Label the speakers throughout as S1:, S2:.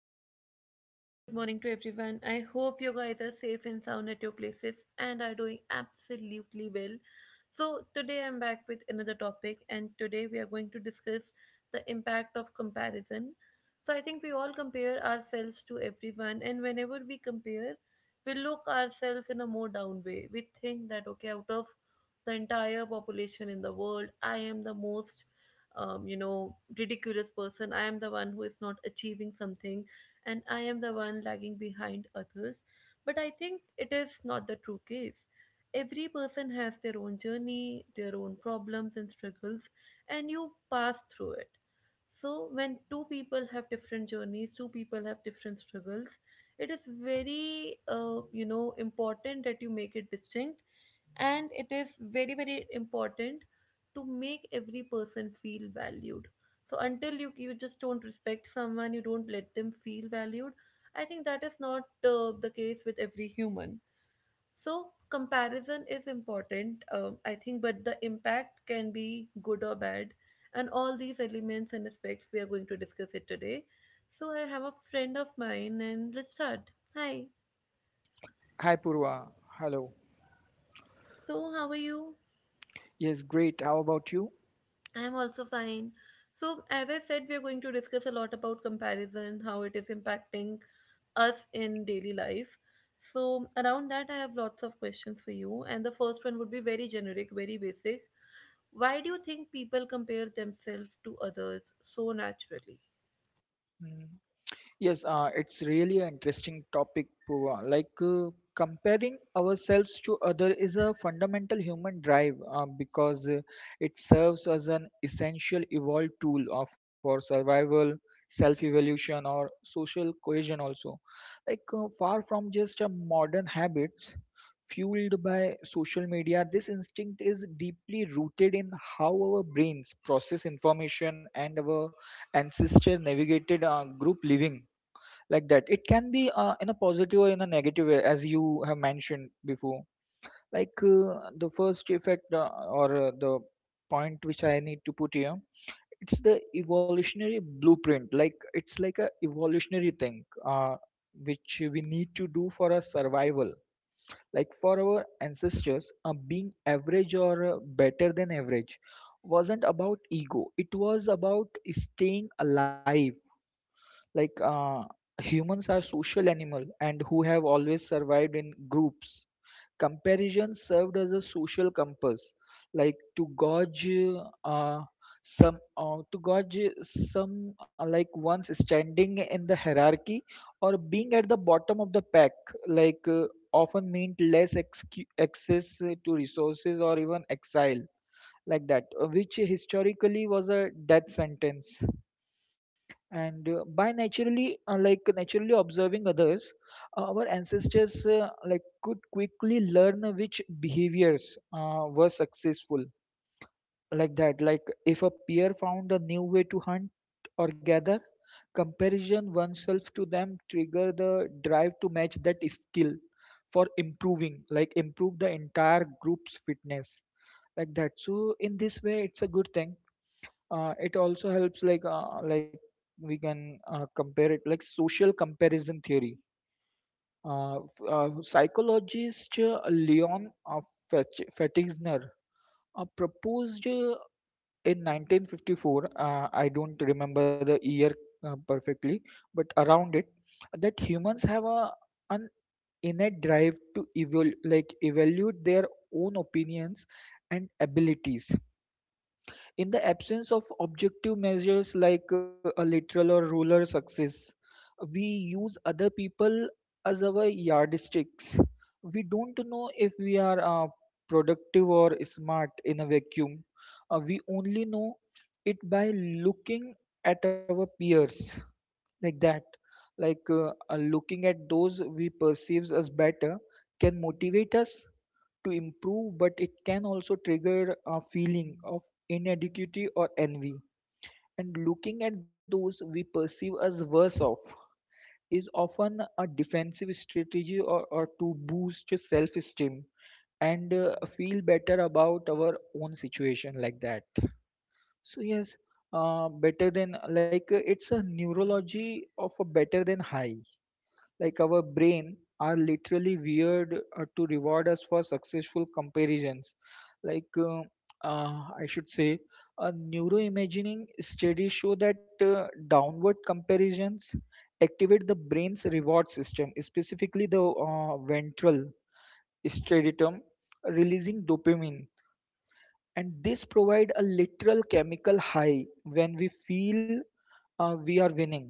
S1: very, very warm good morning to everyone. I hope you guys are safe and sound at your places and are doing absolutely well. So, today I'm back with another topic, and today we are going to discuss the impact of comparison. So, I think we all compare ourselves to everyone, and whenever we compare, we look ourselves in a more down way. We think that, okay, out of the entire population in the world, I am the most ridiculous person. I am the one who is not achieving something, and I am the one lagging behind others. But I think it is not the true case. Every person has their own journey, their own problems and struggles, and you pass through it. So when two people have different journeys, two people have different struggles, it is very important that you make it distinct. And it is very, very important to make every person feel valued. So until you just don't respect someone, you don't let them feel valued. I think that is not the case with every human. So comparison is important, I think, but the impact can be good or bad. And all these elements and aspects we are going to discuss it today. So I have a friend of mine, and let's start. Hi.
S2: Hi Purva, hello.
S1: So how are you?
S2: Yes, great. How about you?
S1: I'm also fine. So, as I said, we're going to discuss a lot about comparison, how it is impacting us in daily life. So, around that, I have lots of questions for you. And the first one would be very generic, very basic. Why do you think people compare themselves to others so naturally?
S2: Mm. Yes, it's really an interesting topic, Pooja. Comparing ourselves to other is a fundamental human drive because it serves as an essential evolved tool for survival, self-evolution, or social cohesion. Also, far from just a modern habits fueled by social media, this instinct is deeply rooted in how our brains process information and our ancestor navigated group living like that. It can be in a positive or in a negative way as you have mentioned before. The first effect or the point which I need to put here, it's the evolutionary blueprint, like it's like a evolutionary thing which we need to do for our survival, like for our ancestors. Being average or better than average wasn't about ego, it was about staying alive. like uh, humans are social animal and who have always survived in groups. Comparison served as a social compass, like to gauge uh, some to gauge some, like one's standing in the hierarchy or being at the bottom of the pack, like uh, often meant less access to resources or even exile like that, which historically was a death sentence. And uh, by naturally uh, like naturally observing others, our ancestors, like could quickly learn which behaviors were successful, like that. Like if a peer found a new way to hunt or gather, comparison oneself to them trigger the drive to match that skill for improving like improve the entire group's fitness like that. So in this way it's a good thing. It also helps, like we can compare it, like social comparison theory. Psychologist Leon, Fetigner, proposed in 1954. I don't remember the year perfectly, but around it, that humans have a an innate drive to evaluate their own opinions and abilities. In the absence of objective measures, like a literal or ruler success, we use other people as our yardsticks. We don't know if we are productive or smart in a vacuum. We only know it by looking at our peers like that. Looking at those we perceive as better can motivate us to improve, but it can also trigger a feeling of inadequacy or envy. And looking at those we perceive as worse off is often a defensive strategy, or to boost self esteem and feel better about our own situation like that. So yes, better than like it's a neurology of a better than high, like our brain are literally weird to reward us for successful comparisons. like uh, uh, I should say a neuroimaging studies show that downward comparisons activate the brain's reward system, specifically the ventral striatum, releasing dopamine, and this provide a literal chemical high when we feel we are winning.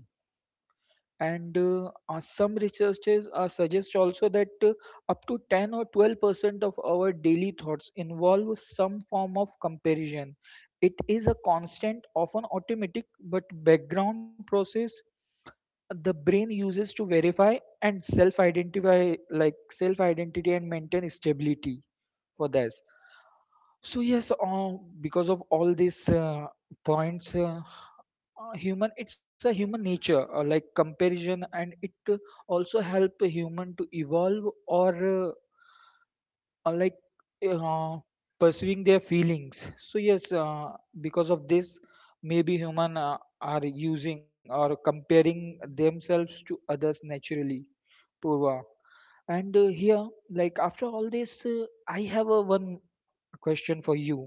S2: And some researchers suggest also that up to 10 or 12% of our daily thoughts involve some form of comparison. It is a constant, often automatic, but background process the brain uses to verify and self identify, like self identity, and maintain stability for this. So, yes, because of all these points, human it's a human nature, like comparison, and it also help a human to evolve or like uh, pursuing their feelings. So yes, because of this, maybe human are using or comparing themselves to others naturally, Purva. And here, like after all this, I have a one question for you.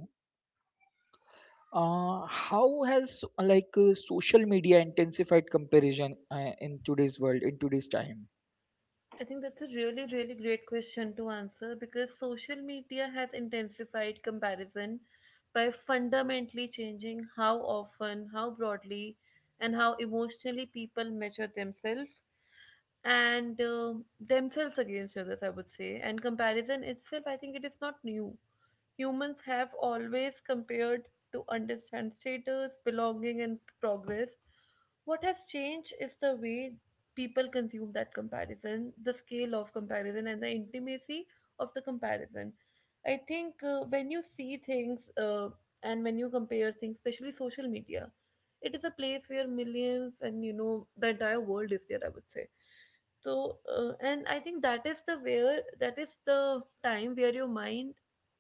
S2: How has social media intensified comparison in today's world, in today's time?
S1: I think that's a really, really great question to answer because social media has intensified comparison by fundamentally changing how often, how broadly, and how emotionally people measure themselves and themselves against others, I would say. And comparison itself, I think it is not new. Humans have always compared to understand status, belonging, and progress. What has changed is the way people consume that comparison, the scale of comparison, and the intimacy of the comparison. I think when you see things and when you compare things, especially social media, it is a place where millions and you know the entire world is there, I would say. So and I think that is the time where your mind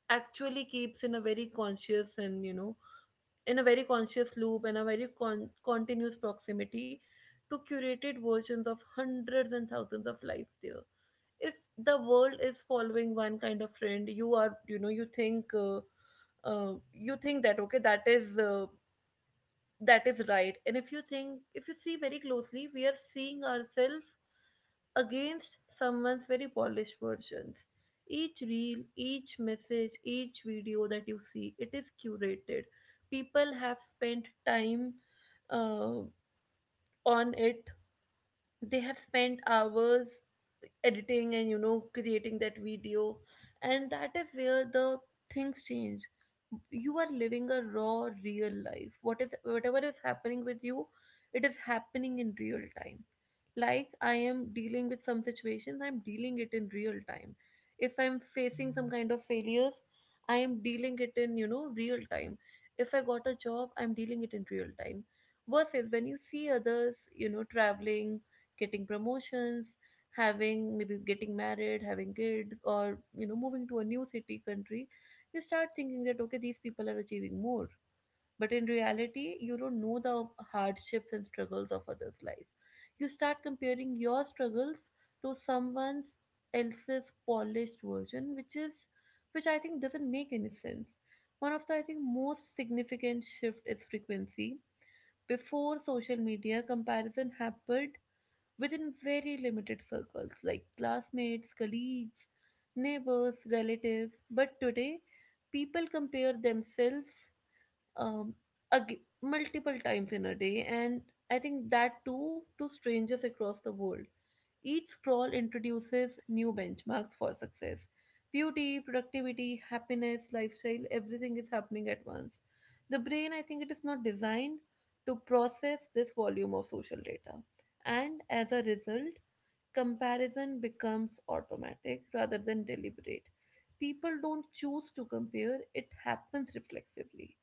S1: actually keeps in a very conscious and you know in a very conscious loop and a very continuous proximity to curated versions of hundreds and thousands of lives there. If the world is following one kind of trend, you are, you know, you think that okay, that is right. And if you think, if you see very closely, we are seeing ourselves against someone's very polished versions. Each reel, each message, each video that you see, it is curated. People have spent time uh, on it. They have spent hours editing and creating that video. And that is where the things change. You are living a raw real life. What is, whatever is happening with you, it is happening in real time. Like I am dealing with some situations, I'm dealing it in real time. If I'm facing some kind of failures, I am dealing it in, you know, real time. If I got a job, I'm dealing it in real time. Versus when you see others, you know, traveling, getting promotions, having, maybe getting married, having kids, or you know, moving to a new city, country, you start thinking that okay, these people are achieving more. But in reality, you don't know the hardships and struggles of others' life. You start comparing your struggles to someone's else's polished version, which I think doesn't make any sense. One of the, I think, most significant shift is frequency. Before social media, comparison happened within very limited circles like classmates, colleagues, neighbors, relatives. But today, people compare themselves um, multiple times in a day, and I think that too to strangers across the world. Each scroll introduces new benchmarks for success. Beauty, productivity, happiness, lifestyle, everything is happening at once. The brain, I think it is not designed to process this volume of social data. And as a result, comparison becomes automatic rather than deliberate. People don't choose to compare, it happens reflexively.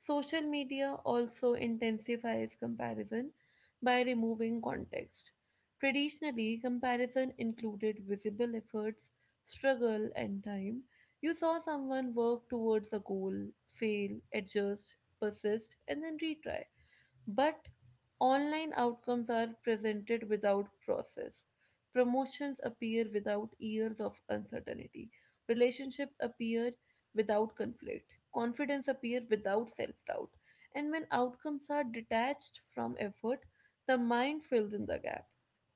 S1: Social media also intensifies comparison by removing context. Traditionally, comparison included visible efforts, struggle, and time. You saw someone work towards a goal, fail, adjust, persist, and then retry. But online outcomes are presented without process. Promotions appear without years of uncertainty. Relationships appear without conflict. Confidence appears without self doubt. And when outcomes are detached from effort, the mind fills in the gap,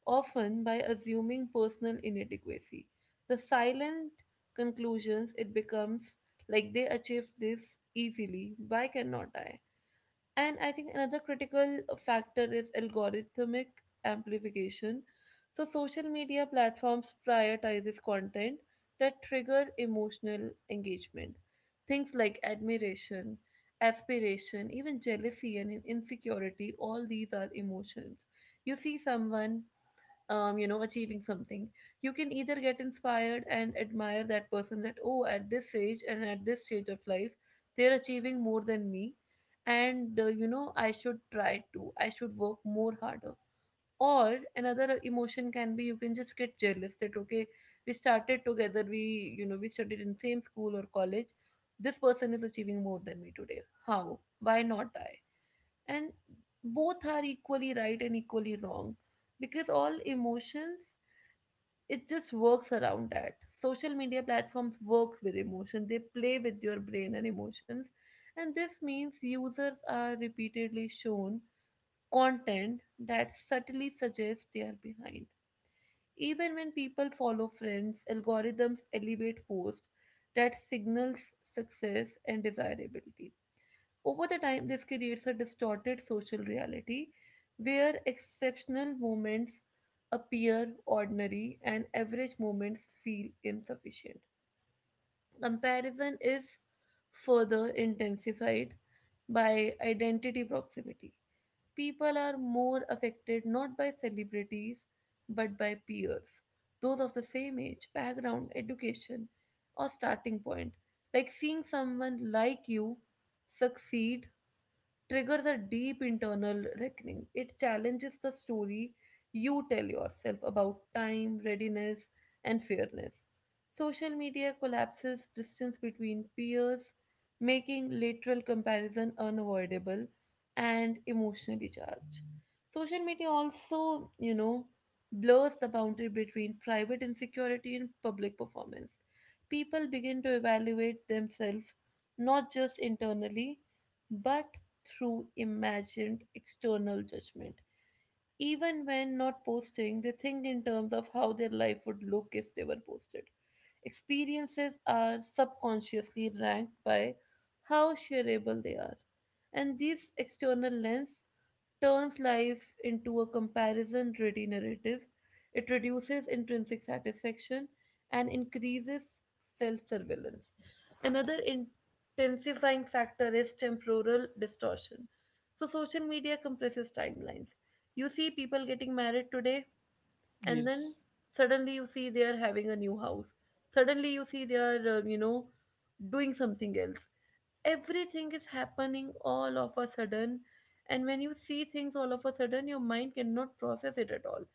S1: often by assuming personal inadequacy. The silent conclusions it becomes like they achieved this easily, why cannot I? And I think another critical factor is algorithmic amplification. So social media platforms prioritizes content that trigger emotional engagement. Things like admiration, aspiration, even jealousy and insecurity, all these are emotions. You see someone achieving something. You can either get inspired and admire that person that, oh, at this age and at this stage of life, they're achieving more than me. And I should work more harder. Or another emotion can be you can just get jealous that, okay, we started together, we, you know, we studied in same school or college. This person is achieving more than me today. How? Why not? And both are equally right and equally wrong, because all emotions, it just works around that. Social media platforms work with emotion, they play with your brain and emotions. And this means users are repeatedly shown content that subtly suggests they are behind. Even when people follow friends, algorithms elevate posts that signals success and desirability. Over the time, this creates a distorted social reality where exceptional moments appear ordinary and average moments feel insufficient. Comparison is further intensified by identity proximity. People are more affected not by celebrities but by peers, those of the same age, background, education, or starting point. Like seeing someone like you succeed triggers a deep internal reckoning. It challenges the story you tell yourself about time, readiness, and fairness. Social media collapses distance between peers, making lateral comparison unavoidable and emotionally charged. Social media also, you know, blurs the boundary between private insecurity and public performance. People begin to evaluate themselves not just internally, but through imagined external judgment. Even when not posting, they think in terms of how their life would look if they were posted. Experiences are subconsciously ranked by how shareable they are. And this external lens turns life into a comparison ready narrative. It reduces intrinsic satisfaction and increases self surveillance. Another intensifying factor is temporal distortion. So, social media compresses timelines. You see people getting married today, and
S2: Yes.
S1: then suddenly you see they are having a new house. Suddenly you see they are, doing something else. Everything is happening all of a sudden. And when you see things all of a sudden, your mind cannot process it at all.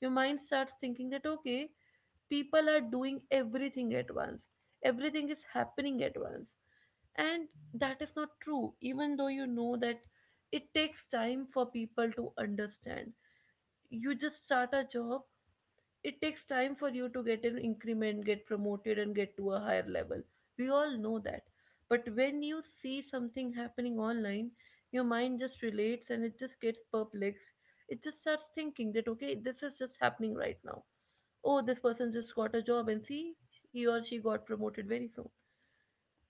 S1: Your mind starts thinking that okay, people are doing everything at once, everything is happening at once. And that is not true. Even though you know that, it takes time for people to understand. You just start a job, it takes time for you to get an increment, get promoted, and get to a higher level. We all know that. But when you see something happening online, your mind just relates and it just gets perplexed. It just starts thinking that, okay, this is just happening right now. Oh, this person just got a job and see, he or she got promoted very soon.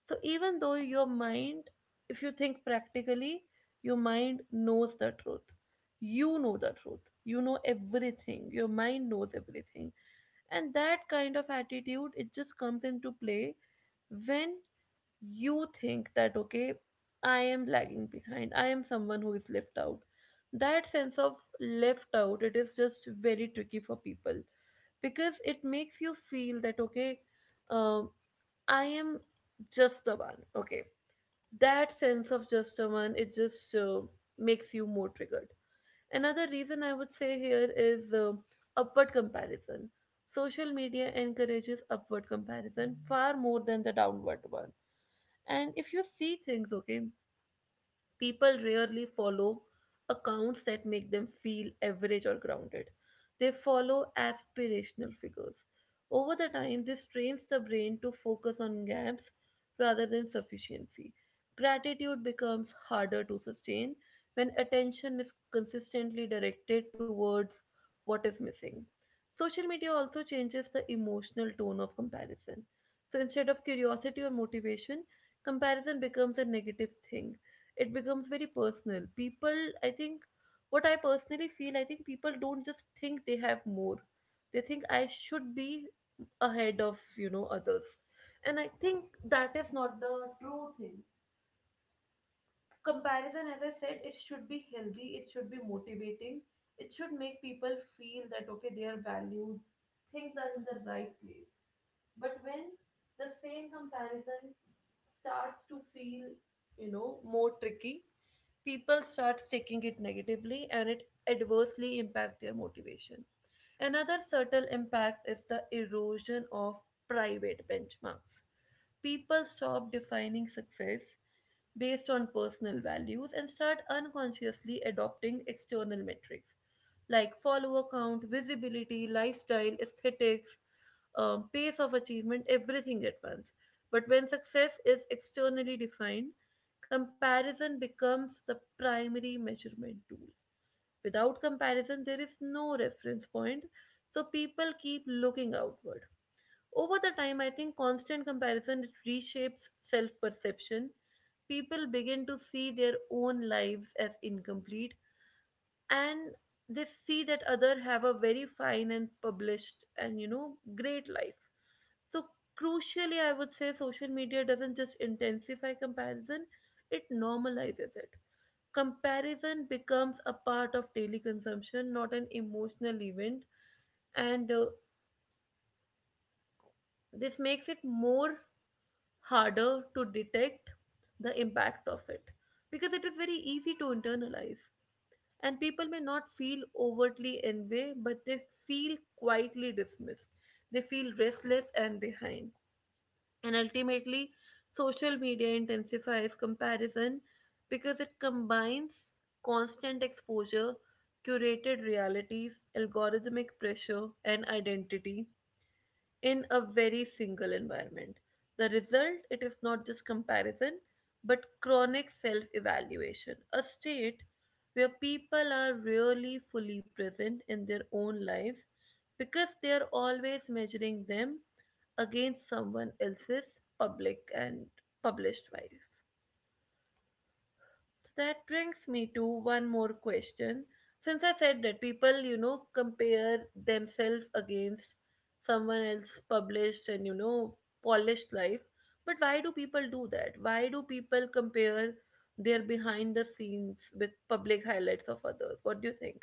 S1: So even though your mind, if you think practically, your mind knows the truth. You know the truth. You know everything. Your mind knows everything. And that kind of attitude, it just comes into play when you think that okay, I am lagging behind, I am someone who is left out. That sense of left out, it is just very tricky for people, because it makes you feel that okay, um, I am just the one, okay. That sense of just the one, it just makes you more triggered. Another reason I would say here is upward comparison. Social media encourages upward comparison far more than the downward one. And if you see things, okay, people rarely follow accounts that make them feel average or grounded. They follow aspirational figures. Over the time, this trains the brain to focus on gaps rather than sufficiency. Gratitude becomes harder to sustain when attention is consistently directed towards what is missing. Social media also changes the emotional tone of comparison. So instead of curiosity or motivation, comparison becomes a negative thing. It becomes very personal. People, I think, what I personally feel, I think people don't just think they have more. They think I should be ahead of others. And I think that is not the true thing. Comparison, as I said, it should be healthy, it should be motivating, it should make people feel that, okay, they are valued, things are in the right place. But when the same comparison starts to feel more tricky, people start taking it negatively and it adversely impact their motivation. Another subtle impact is the erosion of private benchmarks. People stop defining success based on personal values and start unconsciously adopting external metrics like follower count, visibility, lifestyle, aesthetics, pace of achievement, everything at once. But when success is externally defined, comparison becomes the primary measurement tool. Without comparison, there is no reference point, so people keep looking outward. Over the time, I think constant comparison reshapes self perception. People begin to see their own lives as incomplete, and they see that other have a very fine and published and great life. So, crucially, I would say social media doesn't just intensify comparison, it normalizes it. Comparison becomes a part of daily consumption, not an emotional event, and this makes it more harder to detect the impact of it, because it is very easy to internalize, and people may not feel overtly envy, but they feel quietly dismissed, they feel restless and behind. And ultimately, social media intensifies comparison because it combines constant exposure, curated realities, algorithmic pressure, and identity in a very single environment. The result, it is not just comparison, but chronic self evaluation, a state where people are really fully present in their own lives because they are always measuring them against someone else's public and published life. So that brings me to one more question. Since I said that people compare themselves against someone else published and polished life, but why do people do that? Why do people compare their behind the scenes with public highlights of others? What do you think?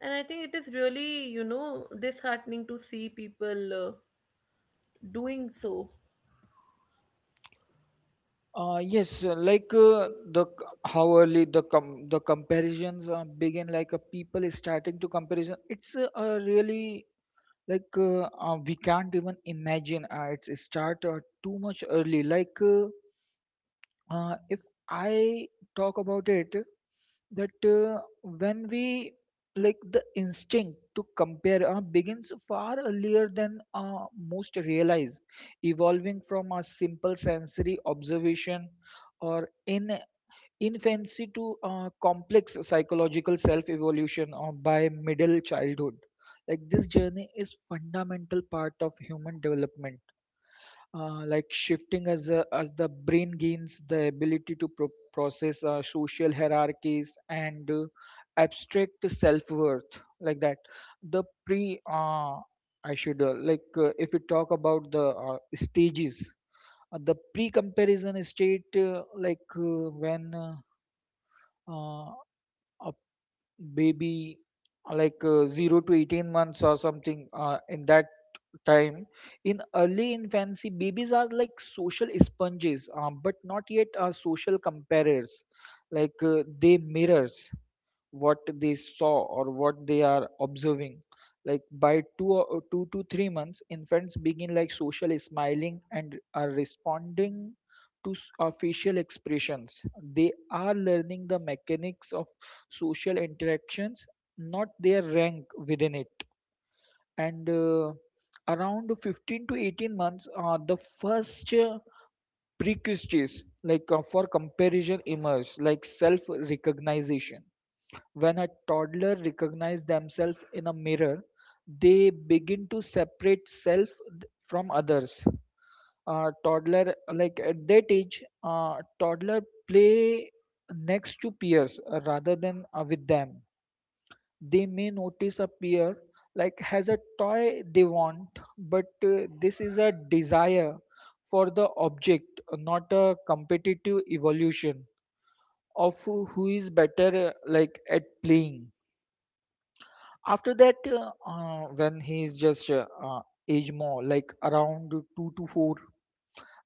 S1: And I think it is really disheartening to see people doing so.
S2: How early the comparisons begin, people is starting to comparison. It's really, we can't even imagine. It's start too much early. If I talk about it, that when we like the instinct to compare begins far earlier than most realize, evolving from a simple sensory observation or in infancy to complex psychological self-evolution by middle childhood. Like this journey is fundamental part of human development, like shifting as the brain gains the ability to process social hierarchies and abstract self-worth like that. The pre I should like if we talk about the stages, the pre-comparison state, like when uh, a baby, 0 to 18 months or something in that time. In early infancy, babies are like social sponges, but not yet social comparers, they mirrors what they saw or what they are observing. Like by 2 or 2 to 3 months, infants begin like social smiling and are responding to facial expressions. They are learning the mechanics of social interactions, not their rank within it. And around 15 to 18 months, the first precursors for comparison emerge, like self recognition, when a toddler recognizes themselves in a mirror, they begin to separate from others. Toddler, like at that age, toddler play next to peers rather than with them. They may notice a peer like has a toy they want, but this is a desire for the object, not a competitive evolution of who is better like at playing. After that, when he's just age more, like around two to four,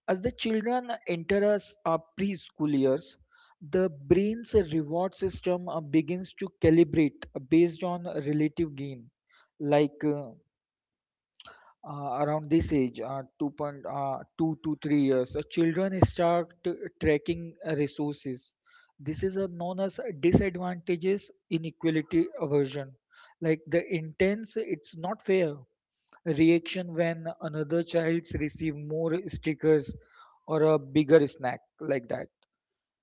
S2: as the children enter us preschool years, the brain's reward system begins to calibrate based on relative gain, like. Around this age, uh, 2.2 uh, two to 3 years, children start tracking resources. This is known as disadvantages inequality aversion. Like the intense, it's not fair reaction when another child's receive more stickers or a bigger snack like that.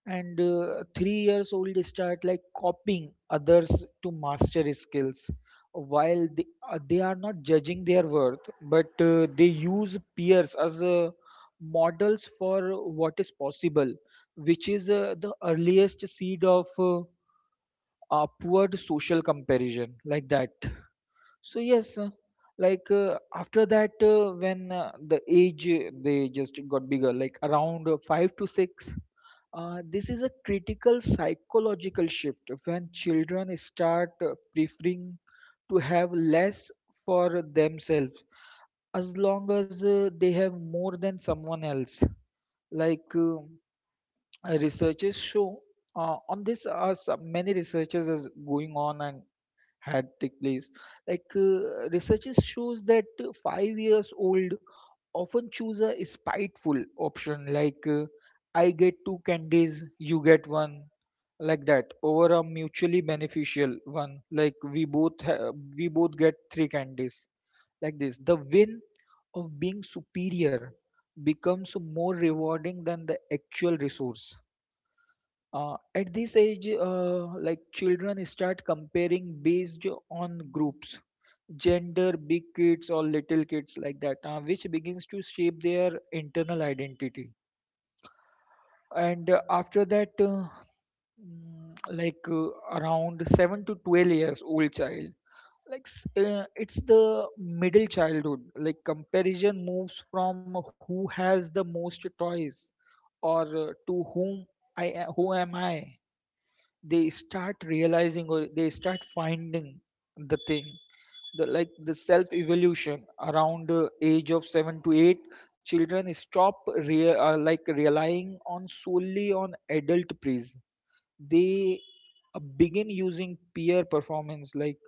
S2: And 3 years old start like copying others to master skills, while they are not judging their worth, but they use peers as models for what is possible, which is the earliest seed of upward social comparison like that. So yes, after that, when the age, they just got bigger, like around 5 to 6. This is a critical psychological shift when children start preferring to have less for themselves as long as they have more than someone else. Like uh, researchers show on this, are some many researchers is going on and had take place. Researches shows that 5 years old often choose a spiteful option, I get two candies, you get one, like that, over a mutually beneficial one. Like we both get three candies, like this. The win of being superior becomes more rewarding than the actual resource. At this age, like children start comparing based on groups, gender, big kids or little kids like that, which begins to shape their internal identity. And after that, mm, like around 7 to 12 years old child, it's the middle childhood. Like comparison moves from who has the most toys, or to whom who am I. They start realizing or they start finding the thing, the self evolution, around age of 7 to 8, children stop relying on solely on adult praise. They begin using peer performance like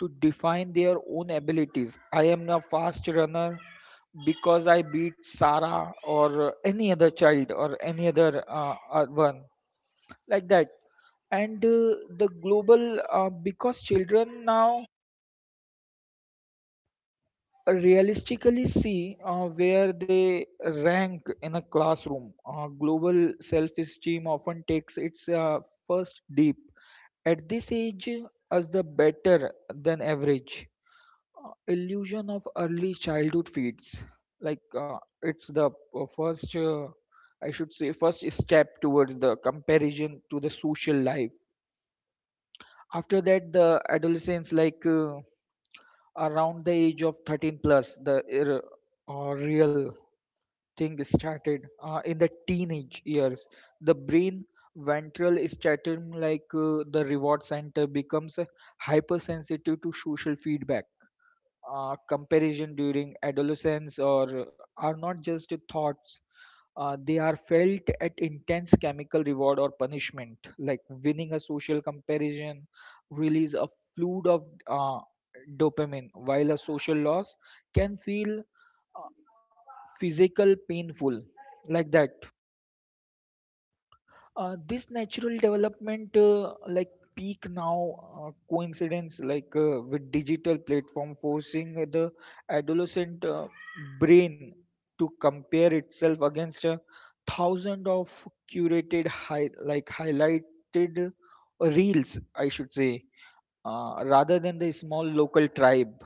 S2: to define their own abilities. I am a fast runner because I beat Sarah, or any other child, or any other one, like that. And the global, because children now realistically see where they rank in a classroom, global self-esteem often takes its first dip at this age, as the better than average illusion of early childhood feeds, like it's the p- first I should say first step towards the comparison to the social life. After that, the adolescents, around the age of 13 plus, real thing started in the teenage years. The brain ventral stratum, the reward center, becomes hypersensitive to social feedback. Comparison during adolescence or are not just thoughts, they are felt at intense chemical reward or punishment, like winning a social comparison, release a flood of dopamine, while a social loss can feel uh, physical painful, like that. This natural development, peak now, coincidence with digital platform forcing the adolescent brain to compare itself against a thousand of curated high, like highlighted reels, I should say, rather than the small local tribe.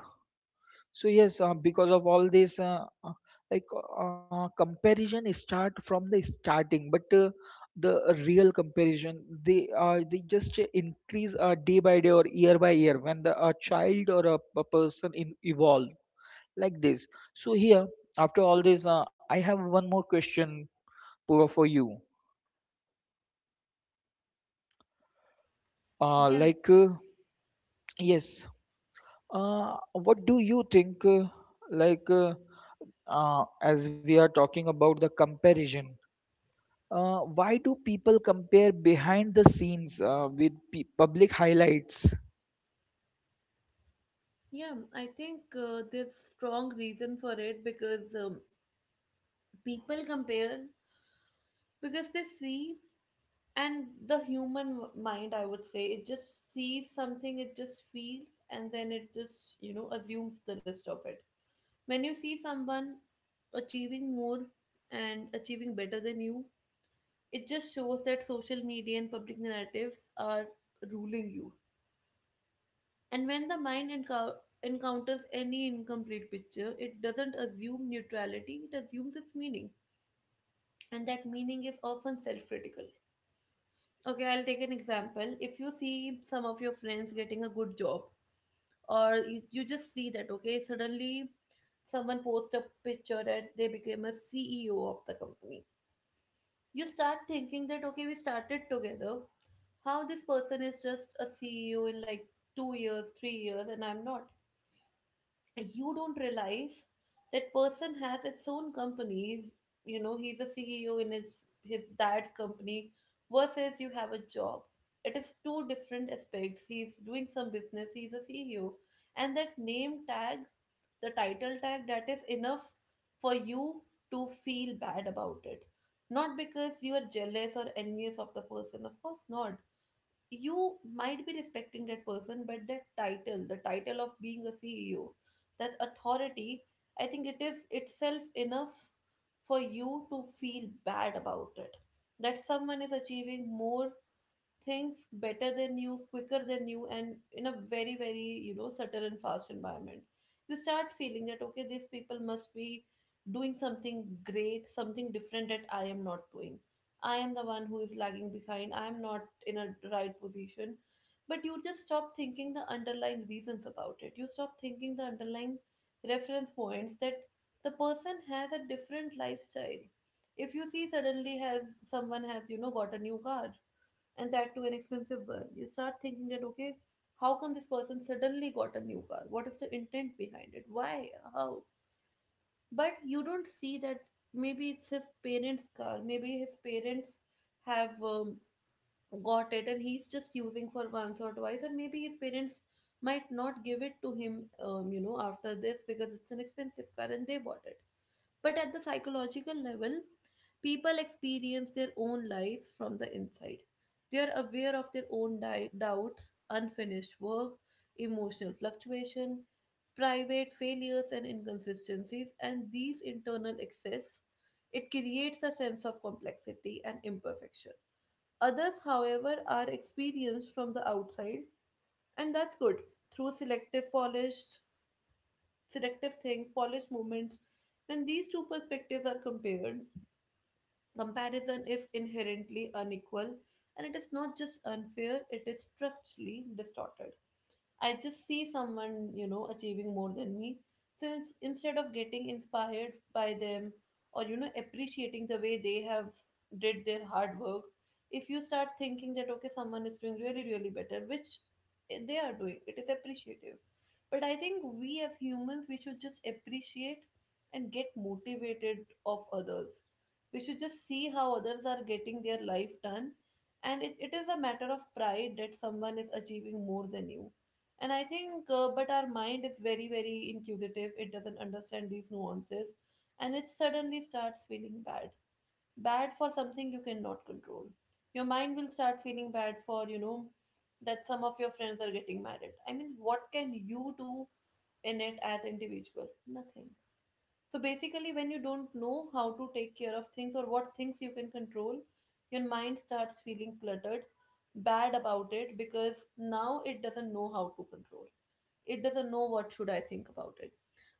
S2: So yes, because of all this, comparison start from the starting, but the real comparison, they just increase day by day or year by year when the a child or a person in evolve, like this. So here, after all this, I have one more question for you. uh,
S1: Yeah.
S2: like uh, yes. What do you think, like uh, as we are talking about the comparison, uh, why do people compare behind the scenes with public highlights?
S1: Yeah, I think there's strong reason for it because people compare because they see, and the human mind, I would say, it just sees something, it just feels, and then it just assumes the rest of it. When you see someone achieving more and achieving better than you, it just shows that social media and public narratives are ruling you. And when the mind encounters any incomplete picture, it doesn't assume neutrality, it assumes its meaning, and that meaning is often self-critical. Okay, I'll take an example. If you see some of your friends getting a good job, or you just see that, okay, suddenly someone posts a picture and they became a CEO of the company. You start thinking that, okay, we started together. How this person is just a CEO in like 2 years, 3 years, and I'm not. You don't realize that person has its own companies, he's a CEO in his dad's company versus you have a job. It is two different aspects. He's doing some business, he's a CEO, and that name tag, the title tag, that is enough for you to feel bad about it. Not because you are jealous or envious of the person, of course not. You might be respecting that person, but that title, the title of being a CEO, that authority, I think it is itself enough for you to feel bad about it, that someone is achieving more things better than you, quicker than you, and in a very, very, subtle and fast environment. You start feeling that, okay, these people must be doing something great, something different that I am not doing. I am the one who is lagging behind. I am not in a right position. But you just stop thinking the underlying reasons about it. You stop thinking the underlying reference points, that the person has a different lifestyle. If you see suddenly has someone has got a new car, and that too an expensive one. You start thinking that, okay, how come this person suddenly got a new car? What is the intent behind it? Why? How? But you don't see that maybe it's his parents' car, maybe his parents have got it, and he's just using for once or twice, and maybe his parents might not give it to him after this because it's an expensive car and they bought it. But at the psychological level, people experience their own lives from the inside. They are aware of their own doubts, unfinished work, emotional fluctuation, private failures and inconsistencies, and these internal excess, it creates a sense of complexity and imperfection. Others, however, are experienced from the outside, and that's good, through selective polished, selective things, polished movements. When these two perspectives are compared, comparison is inherently unequal, and it is not just unfair; it is structurally distorted. I just see someone achieving more than me. Since instead of getting inspired by them, or appreciating the way they have did their hard work, if you start thinking that, okay, someone is doing really, really better, which they are doing, it is appreciative. But I think we as humans, we should just appreciate and get motivated of others. We should just see how others are getting their life done. And it is a matter of pride that someone is achieving more than you. And I think, but our mind is very, very inquisitive. It doesn't understand these nuances. And it suddenly starts feeling bad. Bad for something you cannot control. Your mind will start feeling bad for that some of your friends are getting married. I mean, what can you do in it as individual? Nothing. So basically, when you don't know how to take care of things or what things you can control, your mind starts feeling cluttered, bad about it, because now it doesn't know how to control, it doesn't know what should I think about it.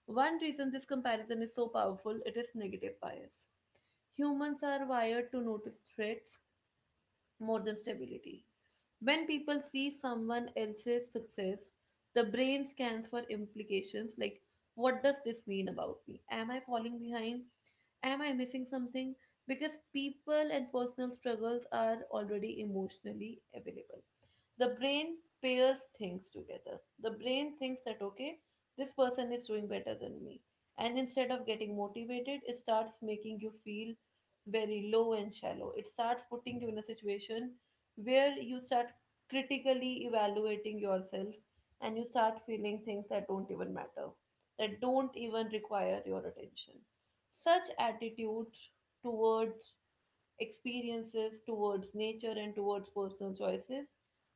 S1: One reason this comparison is so powerful, it is negative bias. Humans are wired to notice threats more than stability. When people see someone else's success, the brain scans for implications, like what does this mean about me, am I falling behind, am I missing something? Because people and personal struggles are already emotionally available, the brain pairs things together. The brain thinks that, okay, this person is doing better than me. And instead of getting motivated, it starts making you feel very low and shallow. It starts putting you in a situation where you start critically evaluating yourself, and you start feeling things that don't even matter, that don't even require your attention. Such attitudes towards experiences, towards nature, and towards personal choices,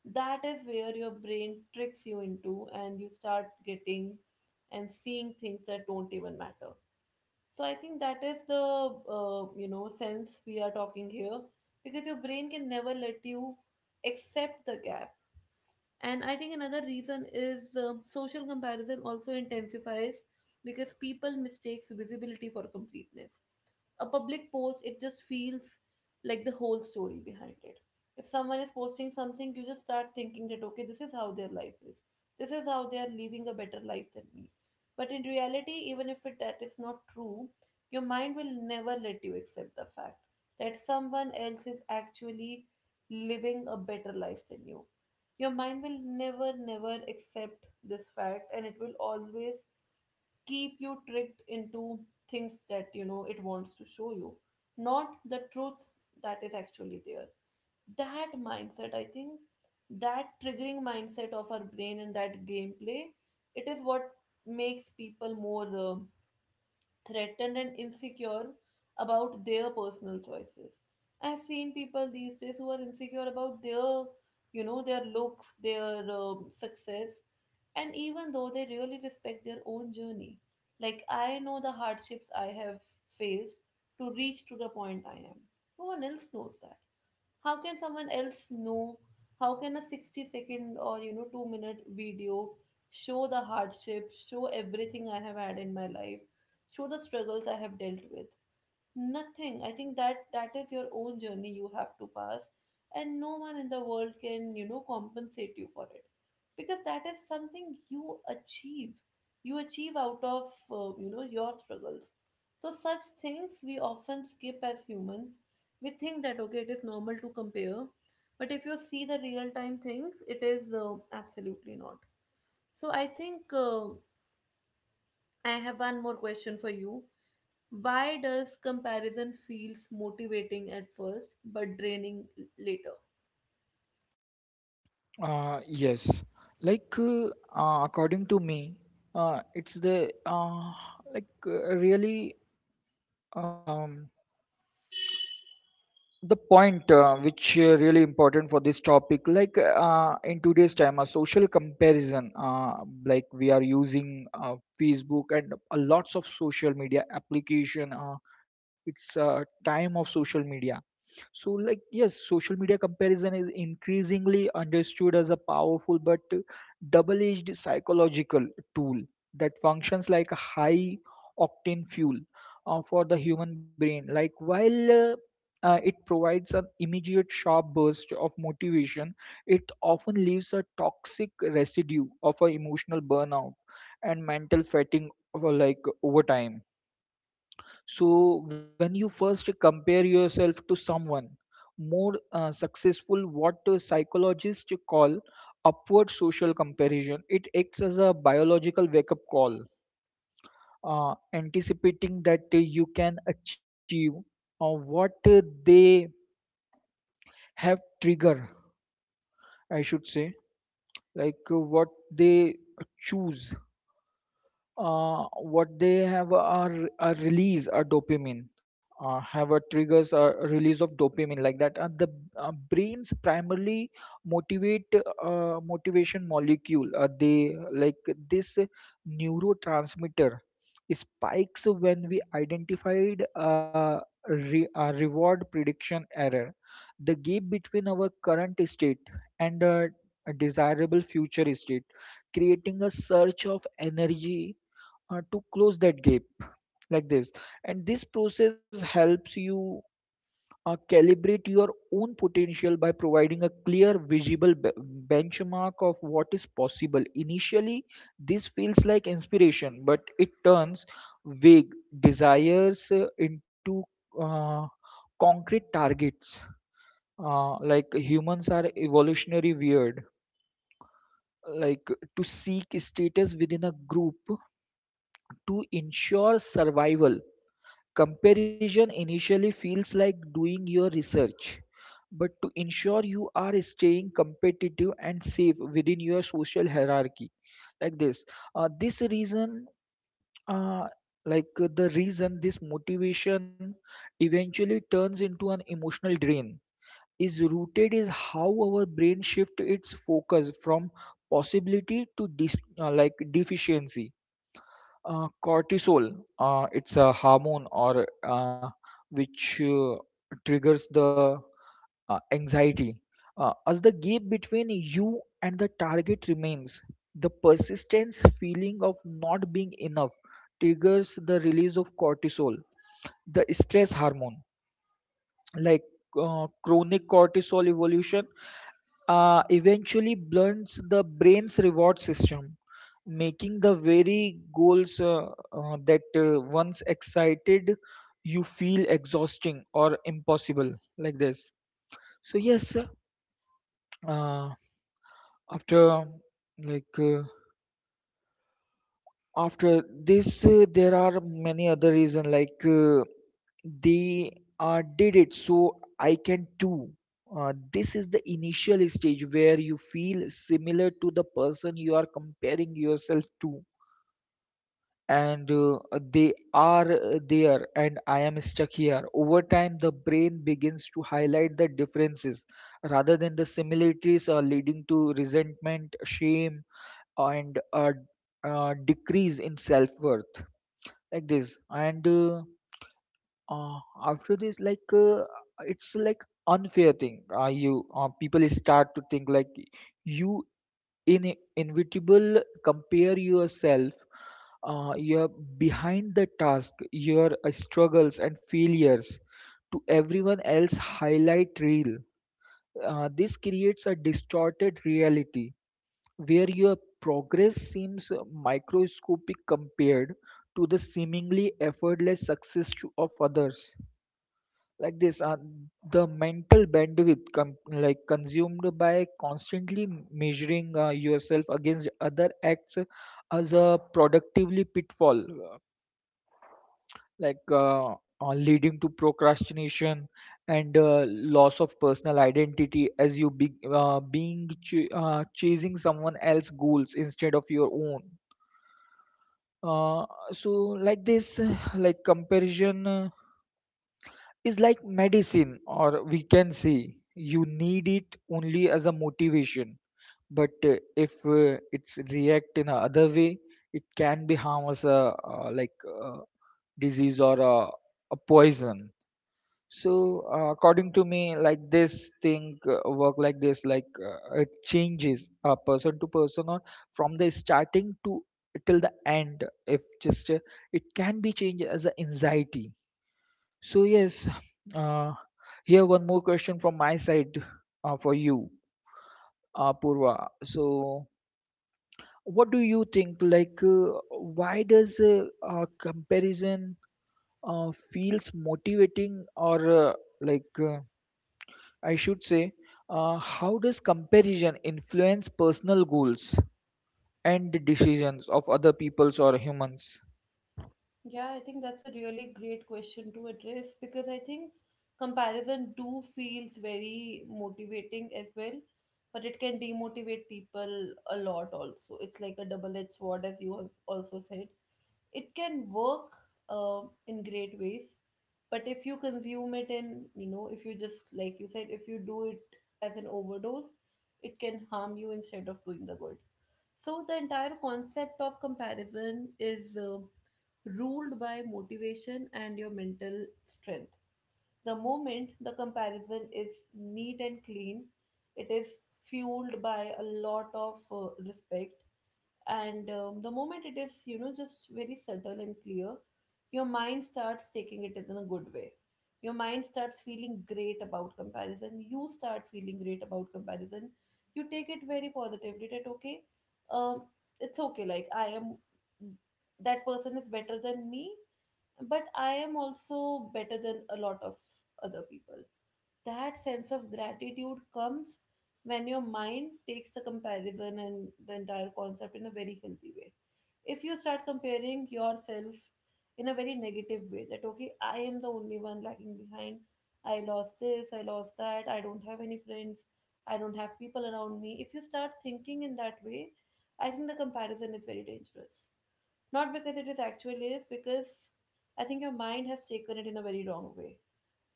S1: that is where your brain tricks you into and you start getting and seeing things that don't even matter. So I think that is the sense we are talking here, because your brain can never let you accept the gap. And I think another reason is social comparison also intensifies because people mistakes visibility for completeness. A public post, it just feels like the whole story behind it. If someone is posting something, you just start thinking that, okay, this is how their life is, this is how they are living a better life than me. But in reality, even if it, that is not true, your mind will never let you accept the fact that someone else is actually living a better life than you. Your mind will never never accept this fact, and it will always keep you tricked into things that you know it wants to show you, not the truth that is actually there. That mindset, I think, that triggering mindset of our brain and that gameplay, it is what makes people more threatened and insecure about their personal choices. I've seen people these days who are insecure about their looks, their success, and even though they really respect their own journey. Like, I know the hardships I have faced to reach to the point I am. No one else knows that. How can someone else know? How can a 60 second or 2-minute video show the hardship, show everything I have had in my life, show the struggles I have dealt with? Nothing. I think that is your own journey, you have to pass, and no one in the world can, compensate you for it, because that is something you achieve. You achieve out of your struggles. So such things we often skip as humans. We think that okay, it is normal to compare, but if you see the real time things, it is absolutely not. So I think I have one more question for you. Why does comparison feels motivating at first but draining later?
S2: Yes, like uh, according to me, it's the like really, um, the point which really important for this topic. Like, in today's time, a social comparison, we are using Facebook and a lots of social media application. It's a time of social media. So, like, yes, social media comparison is increasingly understood as a powerful but double edged psychological tool that functions like a high octane fuel for the human brain. Like, while It provides an immediate sharp burst of motivation, it often leaves a toxic residue of a emotional burnout and mental fatigue over time. So when you first compare yourself to someone more successful, what psychologists call upward social comparison, it acts as a biological wake-up call, anticipating that you can achieve what they have trigger, I should say, what they choose, what they have are a release a dopamine, have a triggers a release of dopamine, like that. And the brains primarily motivate motivation molecule, they like this neurotransmitter spikes when we identified a reward prediction error, the gap between our current state and a desirable future state, creating a surge of energy to close that gap, like this. And this process helps you calibrate your own potential by providing a clear visible benchmark of what is possible. Initially this feels like inspiration, but it turns vague desires into uh, concrete targets. Like humans are evolutionary weird, like, to seek status within a group to ensure survival. Comparison initially feels like doing your research, but to ensure you are staying competitive and safe within your social hierarchy, like this. This reason, uh, like The reason this motivation eventually turns into an emotional drain is rooted is how our brain shift its focus from possibility to deficiency. Cortisol, it's a hormone, or which triggers the anxiety. As the gap between you and the target remains, the persistence feeling of not being enough triggers the release of cortisol, the stress hormone. Like Chronic cortisol evolution eventually blunts the brain's reward system, making the very goals that once excited you feel exhausting or impossible, like this. So yes, uh, after like. After this, there are many other reasons they did it so I can too. This is the initial stage where you feel similar to the person you are comparing yourself to, and they are there and I am stuck here. Over time the brain begins to highlight the differences rather than the similarities, are leading to resentment, shame, and a decrease in self-worth, like this. And uh, after this like It's like unfair thing. You People start to think like you in inevitable compare yourself, you're behind the task, your struggles and failures to everyone else highlight reel. This creates a distorted reality where your progress seems microscopic compared to the seemingly effortless success of others, like this. The mental bandwidth consumed by constantly measuring yourself against other acts as a productively pitfall, like uh, leading to procrastination and loss of personal identity as you being chasing someone else's goals instead of your own. Uh, so this, like comparison is like medicine, or we can say you need it only as a motivation. But if it's react in a other way, it can be harm as a, disease or a poison. So, according to me, like this thing work like this. Like, it changes person to person, or from the starting to till the end. If just it can be changed as a anxiety. So yes, uh, here one more question from my side for you, Purva. So, what do you think? Like, why does comparison feels motivating or, like? Uh, I should say, how does comparison influence personal goals and the decisions of other peoples or humans?
S1: Yeah, I think that's a really great question to address, because I think comparison do feels very motivating as well, but it can demotivate people a lot also. It's like a double-edged sword, as you have also said. It can work in great ways, but if you consume it in, if you just like you said, if you do it as an overdose, it can harm you instead of doing the good. So the entire concept of comparison is. Ruled by motivation and your mental strength. The moment the comparison is neat and clean, it is fueled by a lot of respect. And the moment it is, just very subtle and clear, your mind starts taking it in a good way. Your mind starts feeling great about comparison. You start feeling great about comparison. You take it very positively that, okay, um, it's okay, like I am, that person is better than me, but I am also better than a lot of other people. That sense of gratitude comes when your mind takes the comparison and the entire concept in a very healthy way. If you start comparing yourself in a very negative way, that okay, I am the only one lagging behind, I lost this, I lost that, I don't have any friends, I don't have people around me. If you start thinking in that way, I think the comparison is very dangerous, not because it is actually is, because I think your mind has taken it in a very wrong way.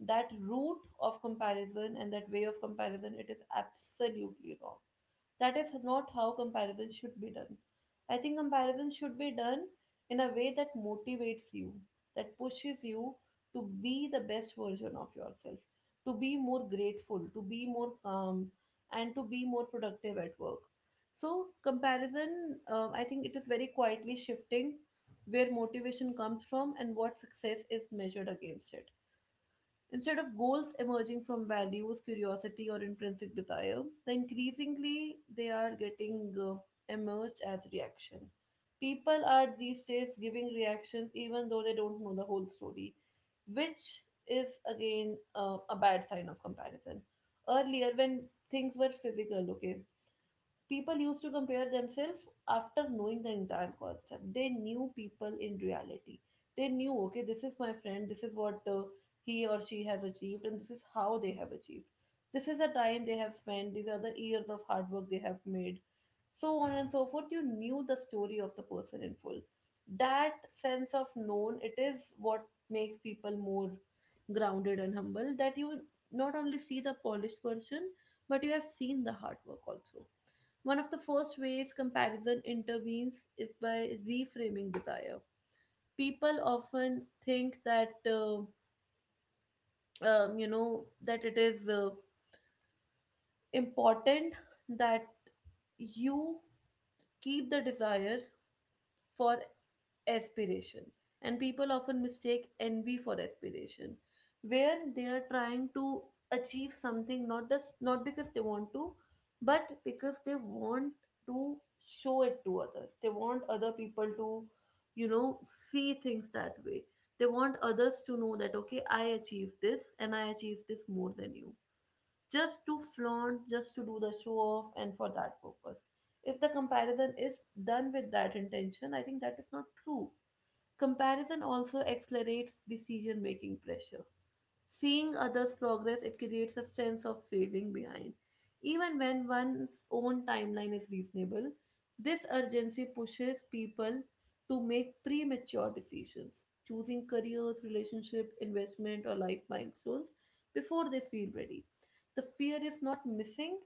S1: That root of comparison and that way of comparison, it is absolutely wrong. That is not how comparison should be done. I think comparison should be done in a way that motivates you, that pushes you to be the best version of yourself, to be more grateful, to be more calm, and to be more productive at work. So, comparison, I think it is very quietly shifting where motivation comes from and what success is measured against it. Instead of goals emerging from values, curiosity, or intrinsic desire, the increasingly they are getting emerged as reaction. People are these days giving reactions even though they don't know the whole story, which is again a bad sign of comparison. Earlier, when things were physical, okay, people used to compare themselves after knowing the entire concept. They knew people in reality. They knew, okay, this is my friend, this is what he or she has achieved, and this is how they have achieved. This is the time they have spent, these are the years of hard work they have made, so on and so forth. You knew the story of the person in full. That sense of known, it is what makes people more grounded and humble, that you not only see the polished version, but you have seen the hard work also. One of the first ways comparison intervenes is by reframing desire. People often think that that it is important that you keep the desire for aspiration, and people often mistake envy for aspiration, where they are trying to achieve something not just, not because they want to, but because they want to show it to others. They want other people to, see things that way. They want others to know that okay, I achieved this and I achieved this more than you, just to flaunt, just to do the show off, and for that purpose, if the comparison is done with that intention, I think that is not true. Comparison also accelerates decision making pressure. Seeing others' progress, it creates a sense of failing behind. Even when one's own timeline is reasonable, this urgency pushes people to make premature decisions, choosing careers, relationship, investment, or life milestones before they feel ready. The fear is not missing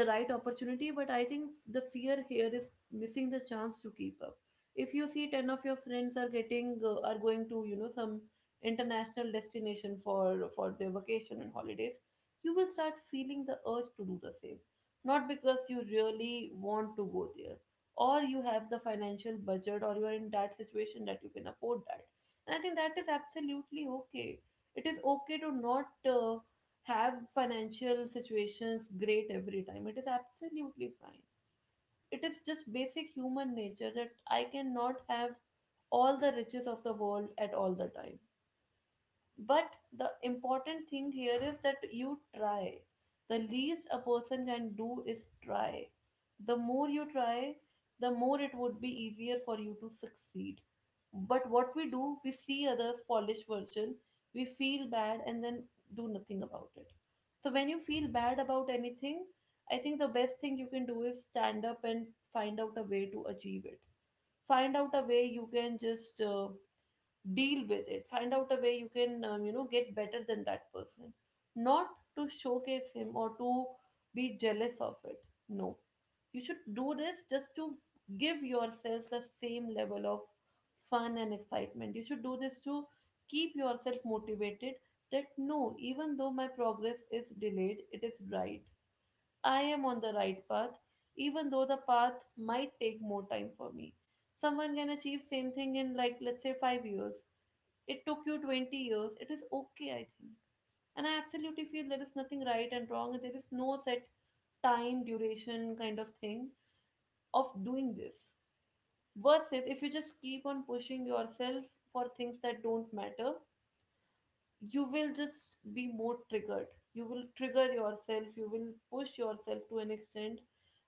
S1: the right opportunity, but I think the fear here is missing the chance to keep up. If you see 10 of your friends are getting are going to, some international destination for their vacation and holidays, you will start feeling the urge to do the same, not because you really want to go there, or you have the financial budget, or you are in that situation that you can afford that. And I think that is absolutely okay. It is okay to not uh, have financial situations great every time. It is absolutely fine. It is just basic human nature that I cannot have all the riches of the world at all the time. But the important thing here is that you try. The least a person can do is try. The more you try, the more it would be easier for you to succeed. But what we do, we see others' polished version, we feel bad, and then do nothing about it. So when you feel bad about anything, I think the best thing you can do is stand up and find out a way to achieve it. Find out a way you can just deal with it. Find out a way you can, get better than that person, not to showcase him or to be jealous of it. No, you should do this just to give yourself the same level of fun and excitement. You should do this to keep yourself motivated, that no, even though my progress is delayed, it is right, I am on the right path. Even though the path might take more time for me, someone can achieve same thing in like, let's say 5 years, it took you 20 years. It is okay, I think. And I absolutely feel there is nothing right and wrong. There is no set time, duration kind of thing of doing this. Versus if you just keep on pushing yourself for things that don't matter, you will just be more triggered. You will trigger yourself, you will push yourself to an extent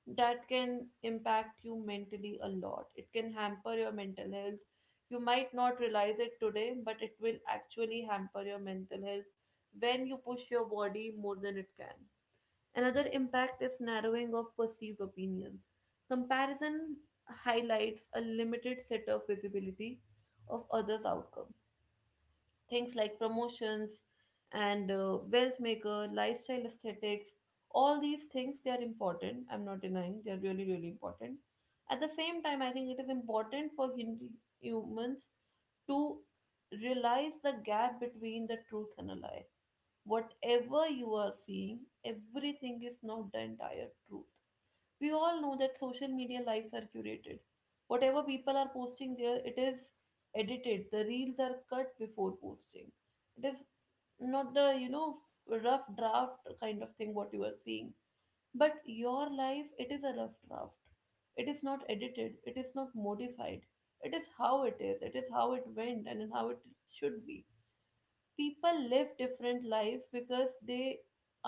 S1: that can impact you mentally a lot. It can hamper your mental health. You might not realize it today, but it will actually hamper your mental health when you push your body more than it can. Another impact is narrowing of perceived opinions. Comparison highlights a limited set of visibility of others' outcomes. Things like promotions and wealth maker, lifestyle aesthetics, all these things they are important. I'm not denying they are really really important. At the same time, I think it is important for humans to realize the gap between the truth and a lie. Whatever you are seeing, everything is not the entire truth. We all know that social media lives are curated. Whatever people are posting there, it is edited. The reels are cut before posting. It is not the, rough draft kind of thing, what you are seeing. But your life, it is a rough draft. It is not edited, it is not modified. It is how it is, it is how it went, and how it should be. People live different life because they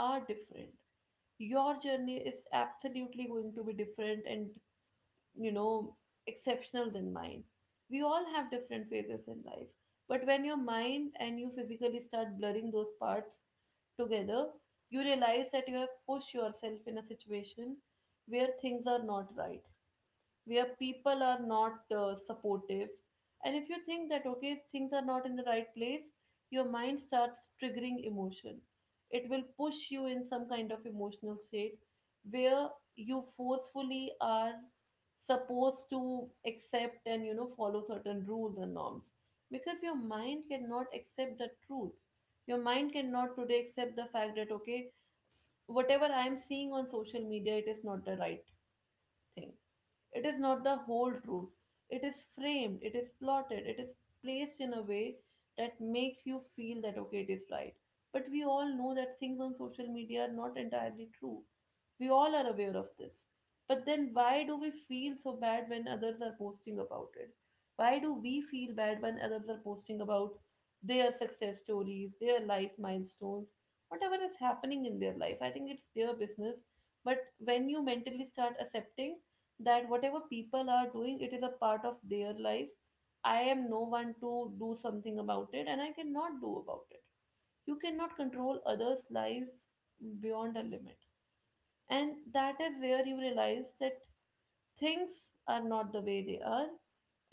S1: are different. Your journey is absolutely going to be different and, you know, exceptional than mine. We all have different phases in life, but when your mind and you physically start blurring those parts together, you realize that you have pushed yourself in a situation where things are not right, where people are not supportive. And if you think that okay, things are not in the right place, your mind starts triggering emotion. It will push you in some kind of emotional state where you forcefully are supposed to accept and, you know, follow certain rules and norms, because your mind cannot accept the truth. Your mind cannot today accept the fact that okay, whatever I am seeing on social media, it is not the right thing. It is not the whole truth. It is framed, it is plotted, it is placed in a way that makes you feel that okay, it is right. But we all know that things on social media are not entirely true. We all are aware of this. But then why do we feel so bad when others are posting about it? Why do we feel bad when others are posting about their success stories, their life milestones, whatever is happening in their life? I think it's their business. But when you mentally start accepting that whatever people are doing it is a part of their life, I am no one to do something about it, and I cannot do about it. You cannot control others life beyond a limit, and that is where you realize that things are not the way they are.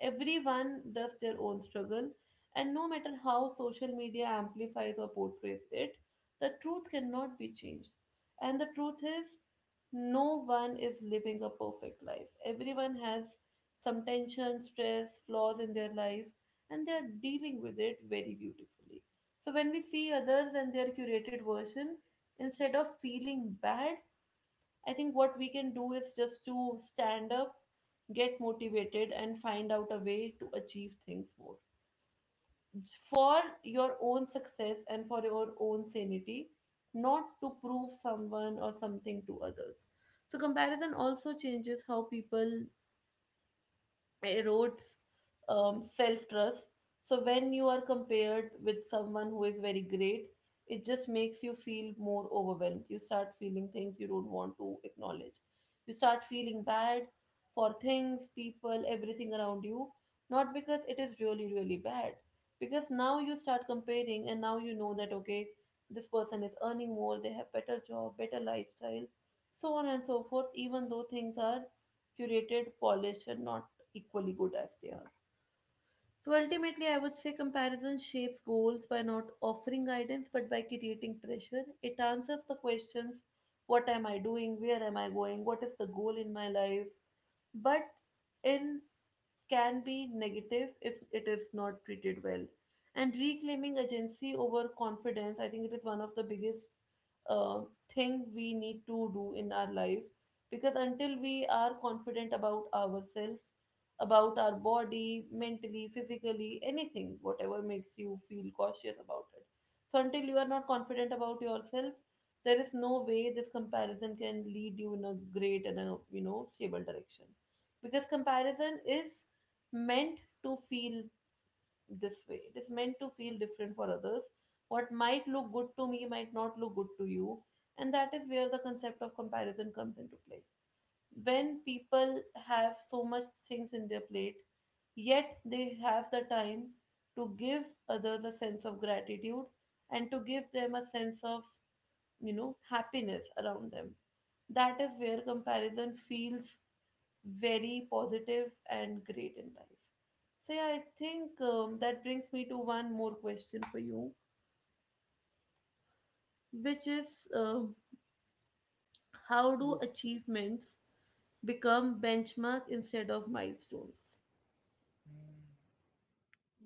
S1: Everyone does their own struggle, and no matter how social media amplifies or portrays it, the truth cannot be changed. And the truth is, no one is living a perfect life. Everyone has some tension, stress, flaws in their life, and they are dealing with it very beautifully. So when we see others and their curated version, instead of feeling bad, I think what we can do is just to stand up, get motivated, and find out a way to achieve things more for your own success and for your own sanity, not to prove someone or something to others. So, comparison also changes how people erodes self trust. So when you are compared with someone who is very great, it just makes you feel more overwhelmed. You start feeling things you don't want to acknowledge. You start feeling bad for things, people, everything around you, not because it is really, really bad. Because now you start comparing and now you know that, okay, this person is earning more, they have better job, better lifestyle, so on and so forth, even though things are curated, polished, and not equally good as they are. So ultimately, I would say comparison shapes goals by not offering guidance but by creating pressure. It answers the questions, what am I doing? Where am I going? What is the goal in my life? But in can be negative if it is not treated well. And reclaiming agency over confidence, I think it is one of the biggest uh, thing we need to do in our life, because until we are confident about ourselves, about our body, mentally, physically, anything, whatever makes you feel cautious about it. So until you are not confident about yourself, there is no way this comparison can lead you in a great and a stable direction, because comparison is meant to feel this way. It is meant to feel different for others. What might look good to me might not look good to you. And that is where the concept of comparison comes into play. When people have so much things in their plate, yet they have the time to give others a sense of gratitude and to give them a sense of happiness around them, that is where comparison feels very positive and great in life. So yeah, I think that brings me to one more question for you, which is um, how
S2: Yes.
S1: do achievements become benchmark instead of milestones?
S2: mm,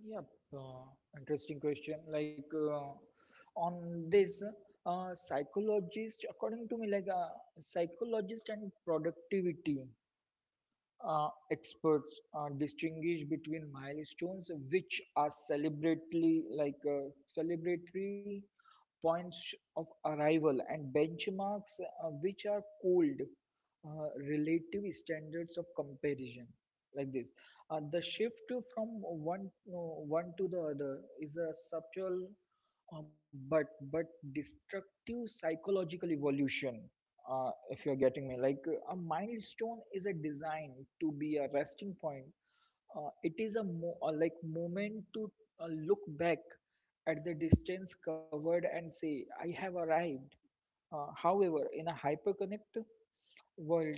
S2: Yep. Uh, Interesting question. On this, psychologist, according to me, psychologist and productivity experts distinguish between milestones, which are celebrately like celebratory points of arrival, and benchmarks, which are called relative standards of comparison, like this. The shift from one to the other is a subtle uh, but but destructive psychological evolution, if you're getting me. A milestone is a design to be a resting point. It is a moment to look back at the distance covered and say, I have arrived. However, in a hyperconnect world,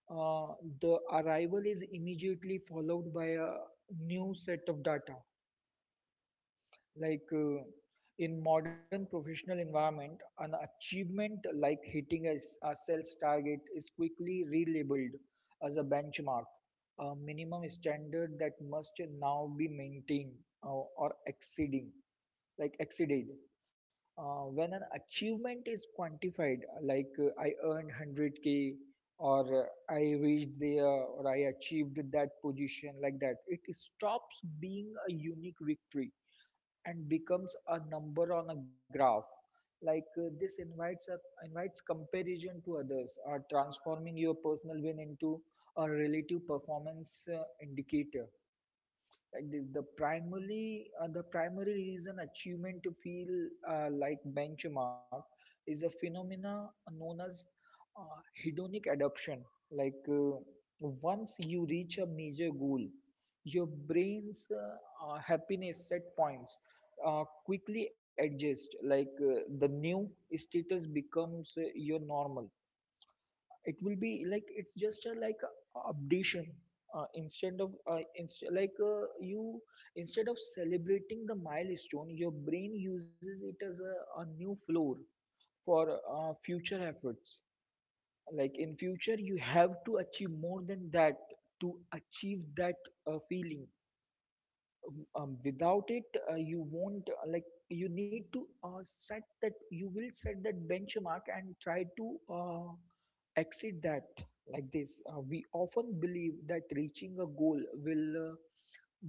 S2: uh, the arrival is immediately followed by a new set of data. like uh, in modern professional environment, an achievement like hitting a sales target is quickly relabeled as a benchmark, a minimum standard that must now be maintained or exceeding like exceeded. When an achievement is quantified, I earned 100K, or I reached there, or I achieved that position like that, it stops being a unique victory and becomes a number on a graph. This invites comparison to others, or transforming your personal win into a relative performance indicator, like this. The primary uh, the primary reason achievement to feel like benchmark is a phenomena known as uh, hedonic adaptation. like uh, Once you reach a major goal, your brain's happiness set points quickly adjust. The new status becomes your normal. It will be like it's just a updation. uh, instead of uh, inst- like uh, you Instead of celebrating the milestone, your brain uses it as a new floor for future efforts. Like in future you have to achieve more than that to achieve that feeling. Um, without it, you won't like you need to set that you will set that benchmark and try to exceed that like this. We often believe that reaching a goal will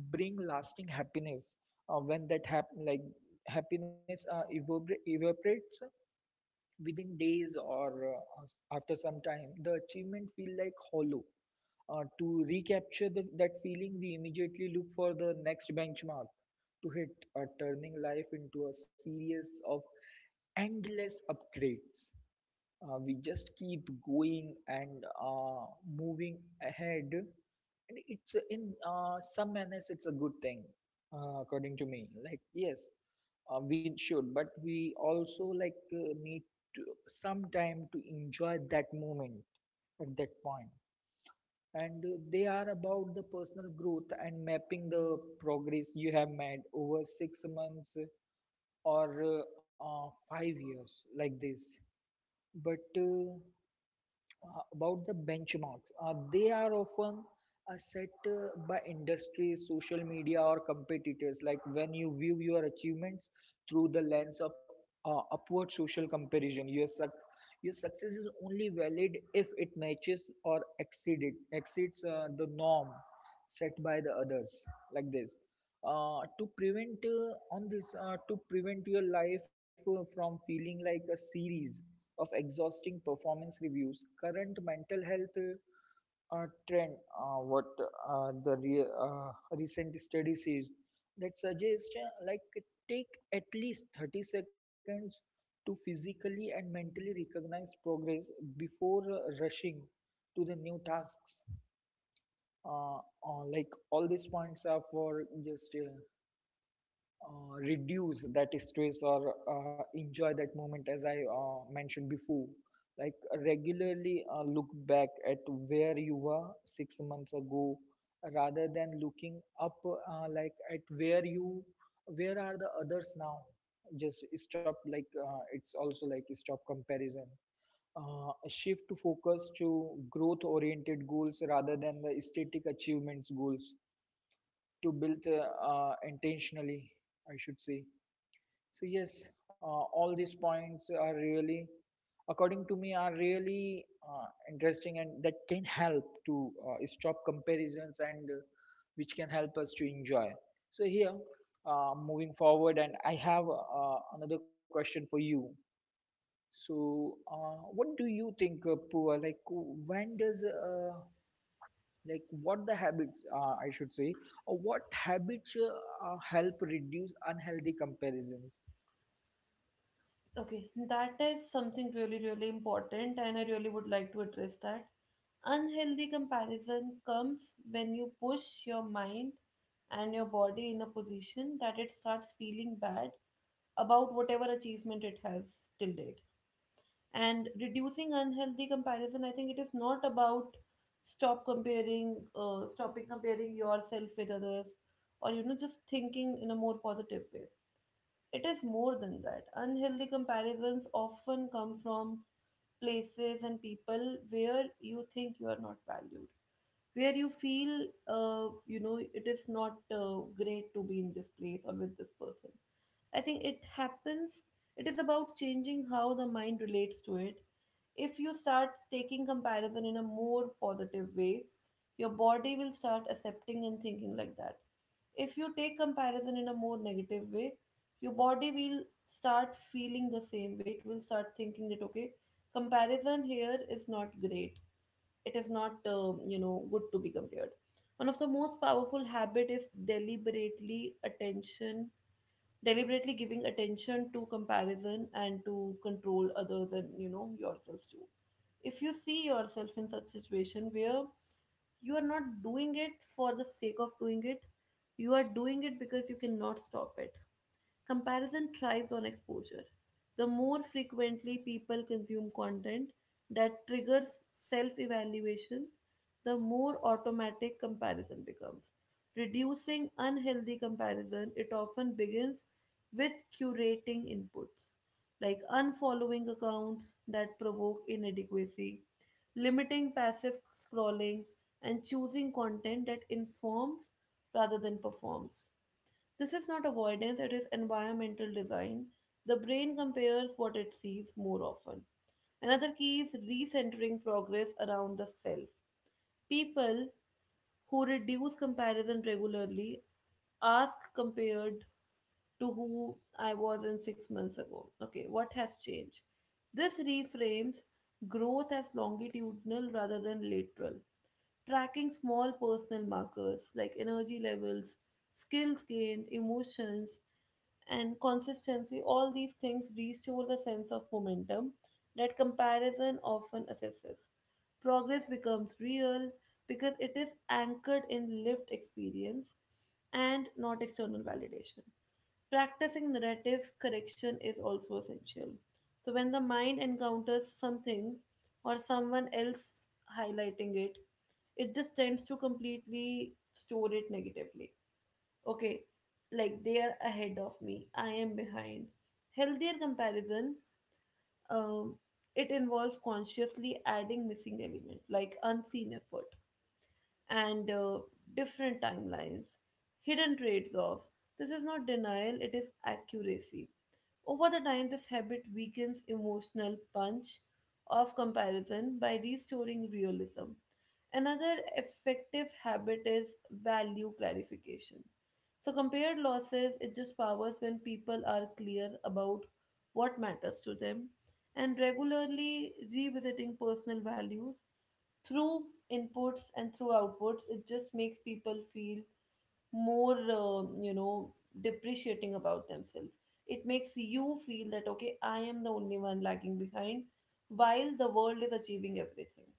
S2: bring lasting happiness. When that happiness evaporates within days or after some time, the achievement feel like hollow. To recapture that feeling, we immediately look for the next benchmark to hit, turning life into a series of endless upgrades. We just keep going and moving ahead, and it's in some manners it's a good thing, according to me. Like yes, we should, but we also need to, some time to enjoy that moment at that point. And they are about the personal growth and mapping the progress you have made over 6 months or 5 years, like this. But about the benchmarks, they are often set by industry, social media or competitors. Like when you view your achievements through the lens of upward social comparison, your success is only valid if it matches or exceeds the norm set by the others, like this. To prevent your life from feeling like a series of exhausting performance reviews, current mental health, trend, recent study says, that suggests take at least 30 seconds to physically and mentally recognize progress before rushing to the new tasks. Uh, all these points are for just reduce that stress or enjoy that moment, as I mentioned before, like regularly look back at where you were 6 months ago rather than looking up, like at where you where are the others now. Just stop, it's also like stop comparison. uh, Shift to focus to growth oriented goals rather than the static achievements goals to build, intentionally, I should say. So yes, all these points are really, according to me, are really interesting, and that can help to stop comparisons and which can help us to enjoy. So here, moving forward, and I have another question for you. So, what do you think, Pooja? Like, when does like what the habits I should say or what habits help reduce unhealthy comparisons?
S1: Okay, that is something really, really important, and I really would like to address that. Unhealthy comparison comes when you push your mind and your body in a position that it starts feeling bad about whatever achievement it has till date. And reducing unhealthy comparison, I think it is not about stopping comparing yourself with others, or you know, just thinking in a more positive way. It is more than that. Unhealthy comparisons often come from places and people where you think you are not valued, where you feel, you know, it is not great to be in this place or with this person. I think it happens, it is about changing how the mind relates to it. If you start taking comparison in a more positive way, your body will start accepting and thinking like that. If you take comparison in a more negative way, your body will start feeling the same way. It will start thinking that, okay, comparison here is not great. It is not, you know, good to be compared. One of the most powerful habit is deliberately giving attention to comparison and to control others and you know yourself too, if you see yourself in such situation where you are not doing it for the sake of doing it, you are doing it because you cannot stop it. Comparison thrives on exposure. The more frequently people consume content that triggers self evaluation, the more automatic comparison becomes. Reducing unhealthy comparison, it often begins with curating inputs, like unfollowing accounts that provoke inadequacy, limiting passive scrolling, and choosing content that informs rather than performs. This is not avoidance, it is environmental design. The brain compares what it sees more often. Another key is recentering progress around the self. People who reduce comparison regularly ask, compared to who I was in 6 months ago. Okay, what has changed? This reframes growth as longitudinal rather than lateral. Tracking small personal markers like energy levels, skills gained, emotions, and consistency, all these things restore the sense of momentum that comparison often assesses. Progress becomes real because it is anchored in lived experience and not external validation. Practicing narrative correction is also essential. So, when the mind encounters something or someone else highlighting it, it just tends to completely store it negatively. Okay, like they are ahead of me, I am behind. Healthier comparison, um, it involves consciously adding missing elements like unseen effort and different timelines, hidden trades off. This is not denial, it is accuracy. Over the time, this habit weakens emotional punch of comparison by restoring realism. Another effective habit is value clarification. So, compared losses, it just powers when people are clear about what matters to them and regularly revisiting personal values through inputs and through outputs. It just makes people feel more you know depreciating about themselves. It makes you feel that okay, I am the only one lagging behind while the world is achieving everything.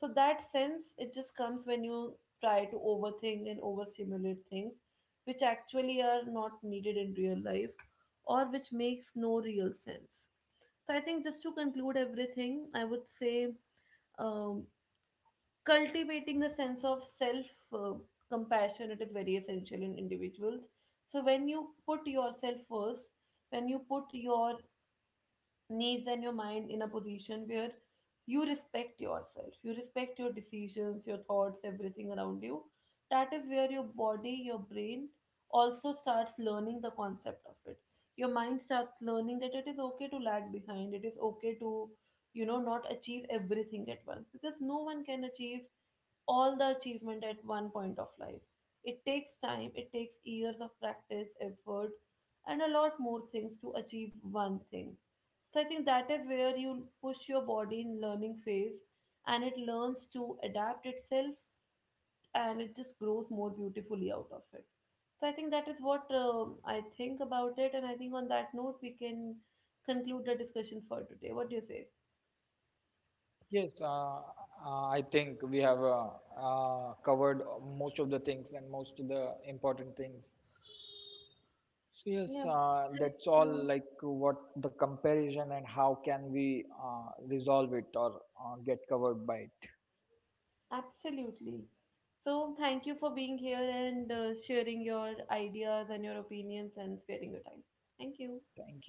S1: So that sense it just comes when you try to overthink and overstimulate things which actually are not needed in real life or which makes no real sense. So I think just to conclude everything, I would say um, cultivating a sense of self compassion, it is very essential in individuals. So when you put yourself first, when you put your needs and your mind in a position where you respect yourself, you respect your decisions, your thoughts, everything around you. That is where your body, your brain also starts learning the concept of it. Your mind starts learning that it is okay to lag behind, it is okay to, you know, not achieve everything at once because no one can achieve all the achievement at one point of life. It takes time, it takes years of practice, effort, and a lot more things to achieve one thing. So I think that is where you push your body in learning phase and it learns to adapt itself and it just grows more beautifully out of it. So I think that is what I think about it. And I think on that note, we can conclude the discussion for today. What do you say?
S2: Yes, I think we have covered most of the things and most of the important things. So yes,
S1: Yeah.
S2: that's
S1: Thank
S2: all, like
S1: you.
S2: what the comparison and how can we resolve it or get covered by it.
S1: Absolutely. So thank you for being here and sharing your ideas and your opinions and sparing your time. Thank you.
S2: Thank you.